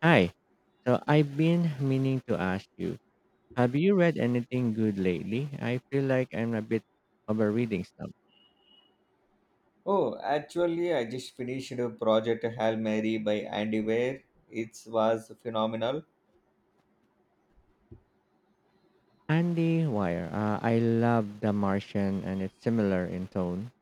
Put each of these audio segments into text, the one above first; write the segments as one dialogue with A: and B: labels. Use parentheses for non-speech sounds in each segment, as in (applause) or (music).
A: Hi. So I've been meaning to ask you, have you read anything good lately? I feel like I'm a bit of a reading slump.
B: Oh, actually, I just finished a project Hail Mary by Andy Weir. It was phenomenal.
A: Andy Wire. I love The Martian and it's similar in tone.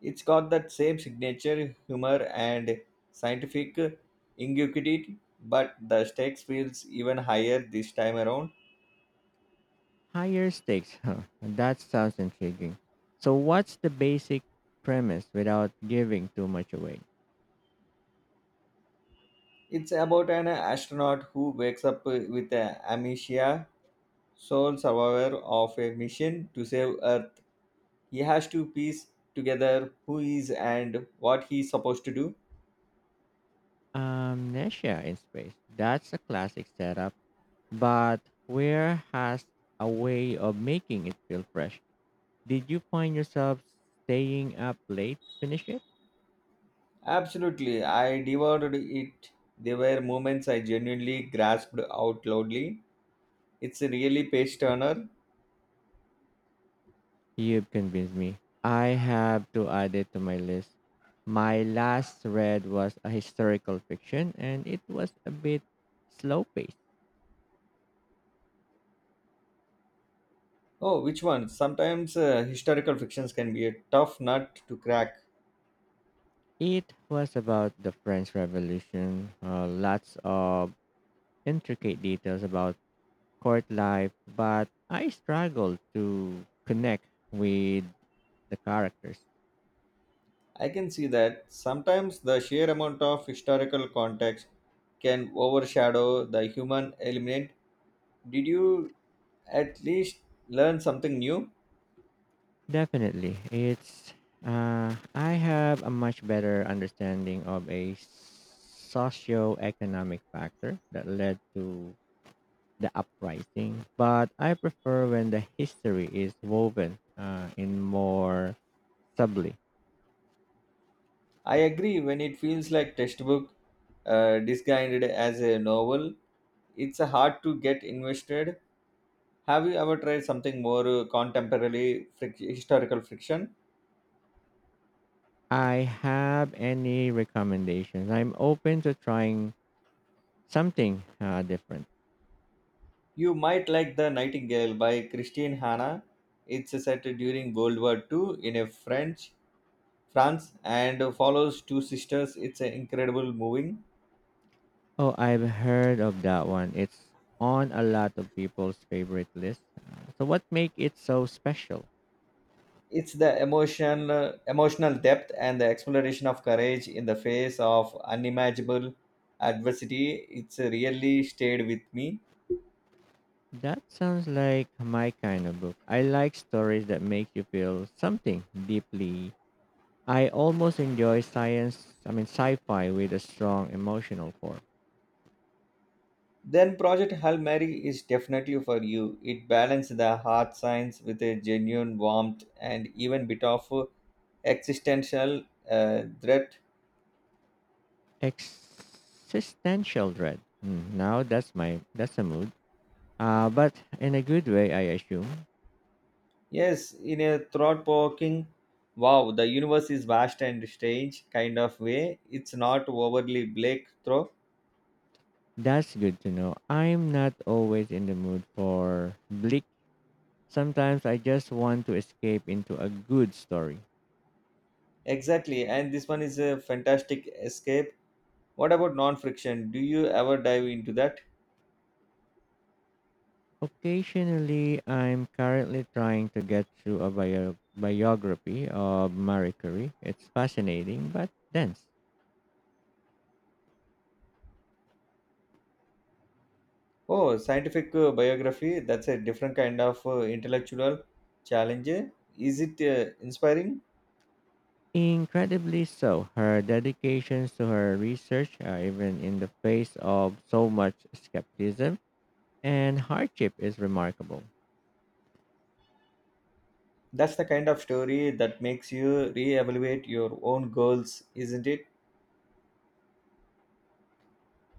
B: It's got that same signature humor and scientific ingenuity, but the stakes feels even higher this time around.
A: Higher stakes. (laughs) Huh. That sounds intriguing. So what's the basic premise without giving too much away?
B: It's about an astronaut who wakes up with a amnesia, sole survivor of a mission to save Earth. He has to piece together who he is and what he's supposed to do.
A: Amnesia in space. That's a classic setup, but where has a way of making it feel fresh. Did you find yourself staying up late to finish it?
B: Absolutely, I devoured it. There were moments I genuinely grasped out loudly. It's a really page turner.
A: You've convinced me. I have to add it to my list. My last read was a historical fiction and it was a bit slow paced.
B: Oh, which one? Sometimes historical fictions can be a tough nut to crack.
A: It was about the French Revolution, lots of intricate details about court life, but I struggled to connect with the characters.
B: I can see that. Sometimes the sheer amount of historical context can overshadow the human element. Did you at least learn something new?
A: Definitely. It's I have a much better understanding of a socio-economic factor that led to the uprising, but I prefer when the history is woven in more subtly.
B: I agree when it feels like textbook disguised as a novel. It's hard to get invested. Have you ever tried something more historical fiction?
A: I have any recommendations. I'm open to trying something different.
B: You might like The Nightingale by Christine Hanna. It's set during World War II in a French France and follows two sisters. It's an incredible moving.
A: Oh, I've heard of that one. It's on a lot of people's favorite list. So what make it so special?
B: It's the emotion, emotional depth and the exploration of courage in the face of unimaginable adversity. It's really stayed with me.
A: That sounds like my kind of book. I like stories that make you feel something deeply. I almost enjoy science, I mean sci-fi with a strong emotional core.
B: Then Project Hail Mary is definitely for you. It balances the hard science with a genuine warmth and even bit of existential threat.
A: Existential dread. Now that's a mood. But in a good way, I assume.
B: Yes, in a thought-provoking, wow, the universe is vast and strange kind of way. It's not overly bleak, though.
A: That's good to know. I'm not always in the mood for bleak. Sometimes I just want to escape into a good story.
B: Exactly, and this one is a fantastic escape. What about non-friction? Do you ever dive into that?
A: Occasionally, I'm currently trying to get through a biography of Marie Curie. It's fascinating, but dense.
B: Oh, scientific biography. That's a different kind of intellectual challenge. Is it inspiring?
A: Incredibly so. Her dedications to her research, even in the face of so much skepticism and hardship, is remarkable.
B: That's the kind of story that makes you reevaluate your own goals, isn't it?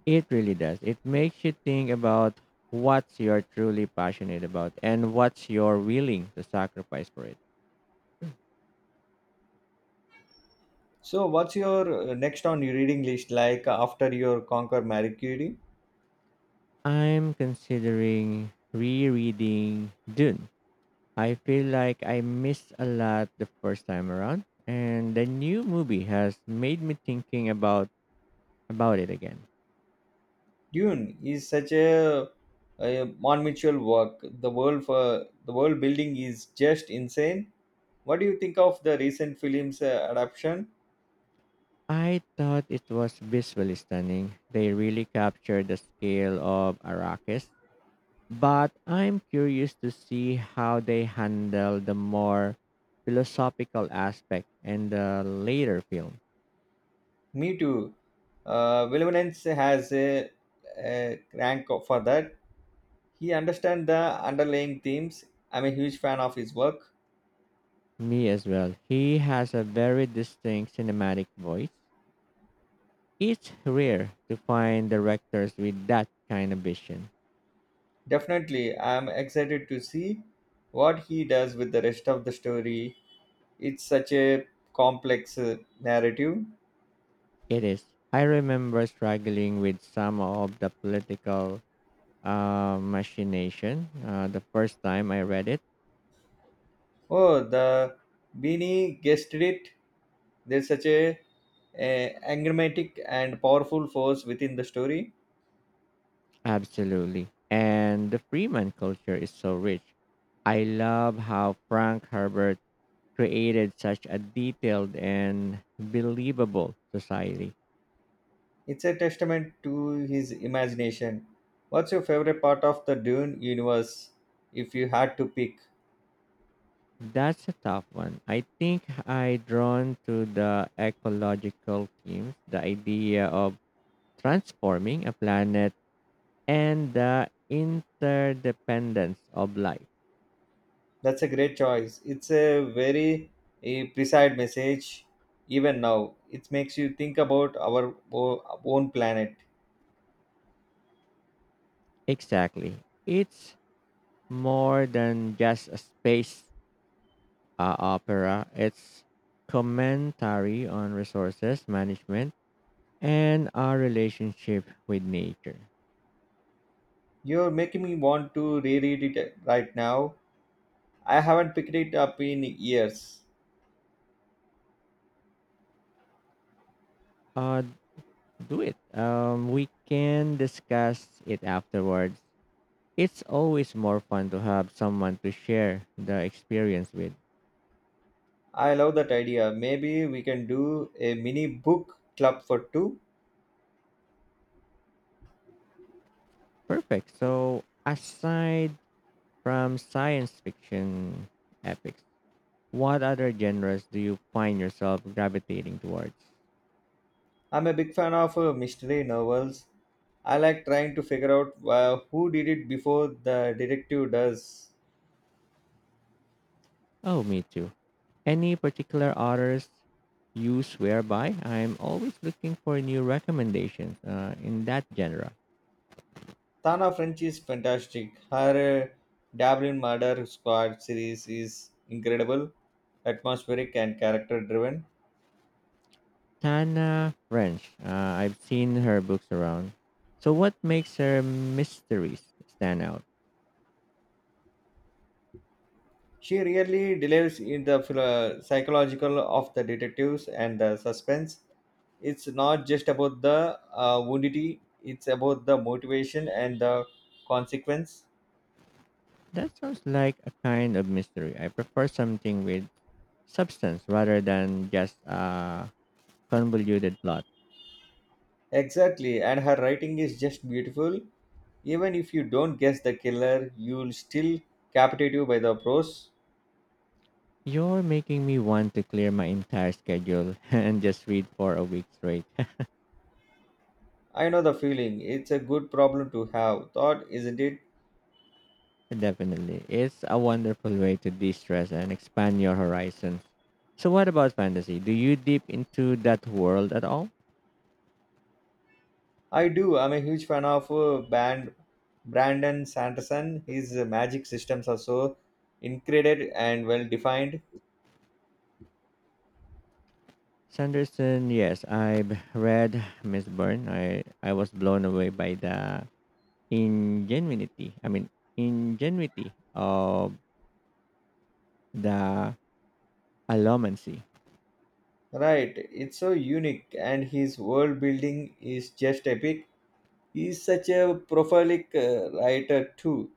A: It really does. It makes you think about what you're truly passionate about and what you're willing to sacrifice for it.
B: So, what's your next on your reading list like after your Conquer Marie Curie?
A: I'm considering rereading Dune. I feel like I missed a lot the first time around, and the new movie has made me thinking about it again.
B: Dune is such a monumental work. The world for the world building is just insane. What do you think of the recent film's adaptation?
A: I thought it was visually stunning. They really captured the scale of Arrakis, but I'm curious to see how they handle the more philosophical aspect in the later film.
B: Me too. Vilvanens has a rank for that. He understands the underlying themes. I'm a huge fan of his work.
A: Me as well. He has a very distinct cinematic voice. It's rare to find directors with that kind of vision.
B: Definitely, I'm excited to see what he does with the rest of the story. It's such a complex narrative.
A: It is. I remember struggling with some of the political machination the first time I read it.
B: Oh, the Beanie guessed it. There's such a enigmatic and powerful force within the story.
A: Absolutely. And the Freeman culture is so rich. I love how Frank Herbert created such a detailed and believable society.
B: It's a testament to his imagination. What's your favorite part of the Dune universe if you had to pick?
A: That's a tough one. I think I drawn to the ecological themes, the idea of transforming a planet and the interdependence of life.
B: That's a great choice. It's a very precise message even now. It makes you think about our own planet.
A: Exactly. It's more than just a space opera, it's commentary on resources management and our relationship with nature.
B: You're making me want to reread it right now. I haven't picked it up in years.
A: Uh, do it. We can discuss it afterwards. It's always more fun to have someone to share the experience with.
B: I love that idea. Maybe we can do a mini book club for two.
A: Perfect. So, aside from science fiction epics, what other genres do you find yourself gravitating towards?
B: I'm a big fan of mystery novels. I like trying to figure out who did it before the detective does.
A: Oh, me too. Any particular authors you swear by? I'm always looking for new recommendations in that genre.
B: Tana French is fantastic. Her Dublin Murder Squad series is incredible, atmospheric, and character driven.
A: Tana French, I've seen her books around. So, what makes her mysteries stand out?
B: She really delves in the psychological of the detectives and the suspense. It's not just about the woundity, it's about the motivation and the consequence.
A: That sounds like a kind of mystery. I prefer something with substance rather than just a convoluted plot.
B: Exactly, and her writing is just beautiful. Even if you don't guess the killer, you'll still captivate you by the prose.
A: You're making me want to clear my entire schedule (laughs) and just read for a week straight. (laughs)
B: I know the feeling. It's a good problem to have. Thought, isn't it?
A: Definitely. It's a wonderful way to de stress and expand your horizons. So, what about fantasy? Do you dip into that world at all?
B: I do. I'm a huge fan of band Brandon Sanderson. His magic systems are so incredible and well defined.
A: Sanderson, yes, I've read Miss Byrne. I was blown away by the ingenuity, I mean, ingenuity of the allomancy.
B: Right, it's so unique, and his world building is just epic. He's such a prolific writer too.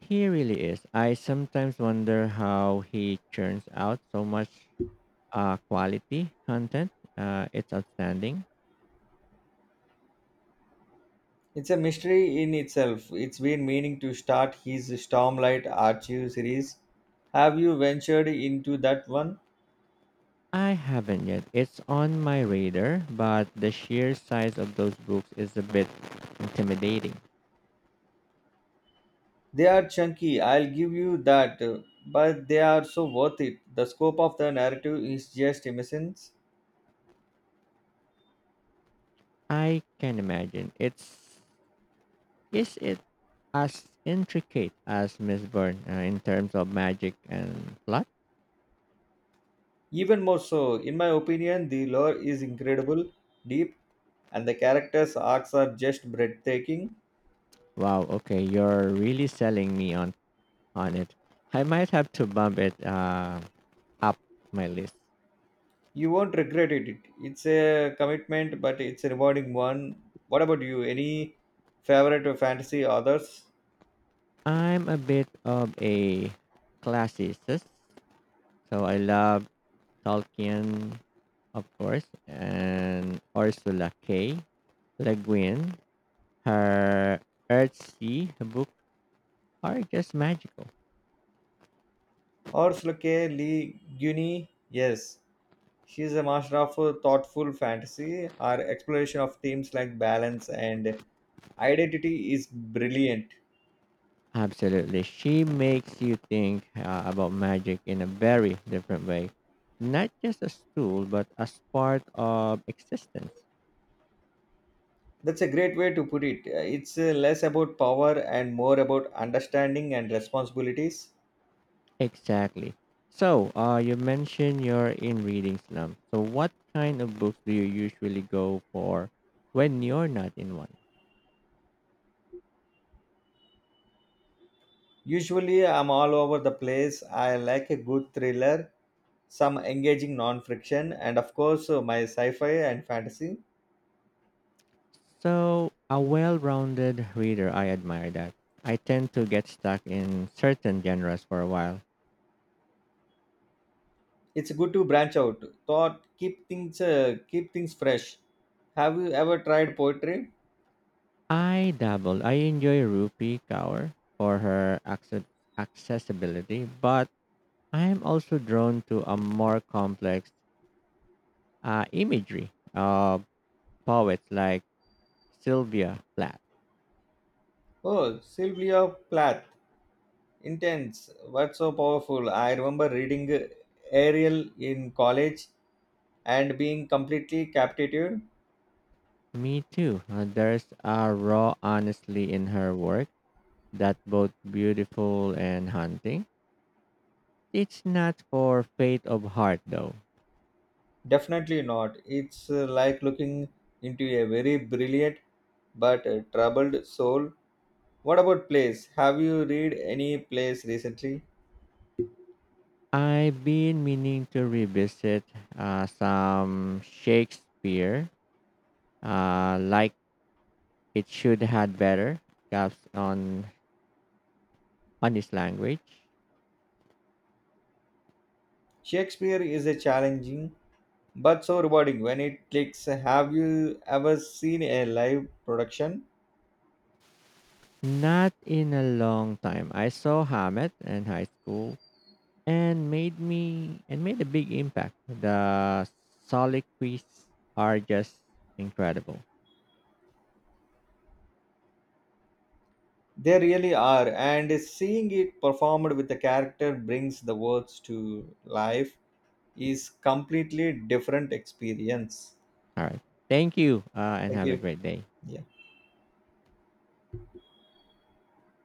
A: He really is. I sometimes wonder how he churns out so much quality content. It's outstanding.
B: It's a mystery in itself. It's been meaning to start his Stormlight Archive series. Have you ventured into that one?
A: I haven't yet. It's on my radar, but the sheer size of those books is a bit intimidating.
B: They are chunky, I'll give you that, but they are so worth it. The scope of the narrative is just immense.
A: I can imagine. It's is it as intricate as Miss Byrne in terms of magic and plot?
B: Even more so, in my opinion, the lore is incredible, deep, and the characters' arcs are just breathtaking.
A: Wow. Okay, you're really selling me on it. I might have to bump it up my list.
B: You won't regret it. It's a commitment, but it's a rewarding one. What about you? Any favorite or fantasy authors?
A: I'm a bit of a classicist, so I love Tolkien, of course, and Ursula K. Le Guin. Her Earthsea book are just magical.
B: Orsloke Lee Guinea, yes. She is a master of thoughtful fantasy. Her exploration of themes like balance and identity is brilliant.
A: Absolutely. She makes you think about magic in a very different way. Not just as tool, but as part of existence.
B: That's a great way to put it. It's less about power and more about understanding and responsibilities.
A: Exactly. So, you mentioned you're in reading slump. So, what kind of books do you usually go for when you're not in one?
B: Usually, I'm all over the place. I like a good thriller, some engaging non-fiction, and of course my sci-fi and fantasy.
A: So, a well rounded reader, I admire that. I tend to get stuck in certain genres for a while.
B: It's good to branch out. Thought keep things fresh. Have you ever tried poetry?
A: I dabble. I enjoy Rupi Kaur for her accessibility, but I am also drawn to a more complex imagery of poets like Sylvia Plath.
B: Oh, Sylvia Plath, intense. What's so powerful? I remember reading Ariel in college and being completely captivated.
A: Me too. There's a raw honesty in her work that's both beautiful and haunting. It's not for faint of heart, though.
B: Definitely not. It's like looking into a very brilliant but troubled soul. What about plays? Have you read any plays recently?
A: I've been meaning to revisit some Shakespeare, like it should had better gaps on his language.
B: Shakespeare is a challenging but so rewarding when it clicks. Have you ever seen a live production?
A: Not in a long time. I saw Hamlet in high school and made me and made a big impact. The soliloquies are just incredible.
B: They really are, and seeing it performed with a character brings the words to life is completely different experience.
A: All right, thank you, and
B: Thank
A: have a
B: you.
A: great day.
B: Yeah.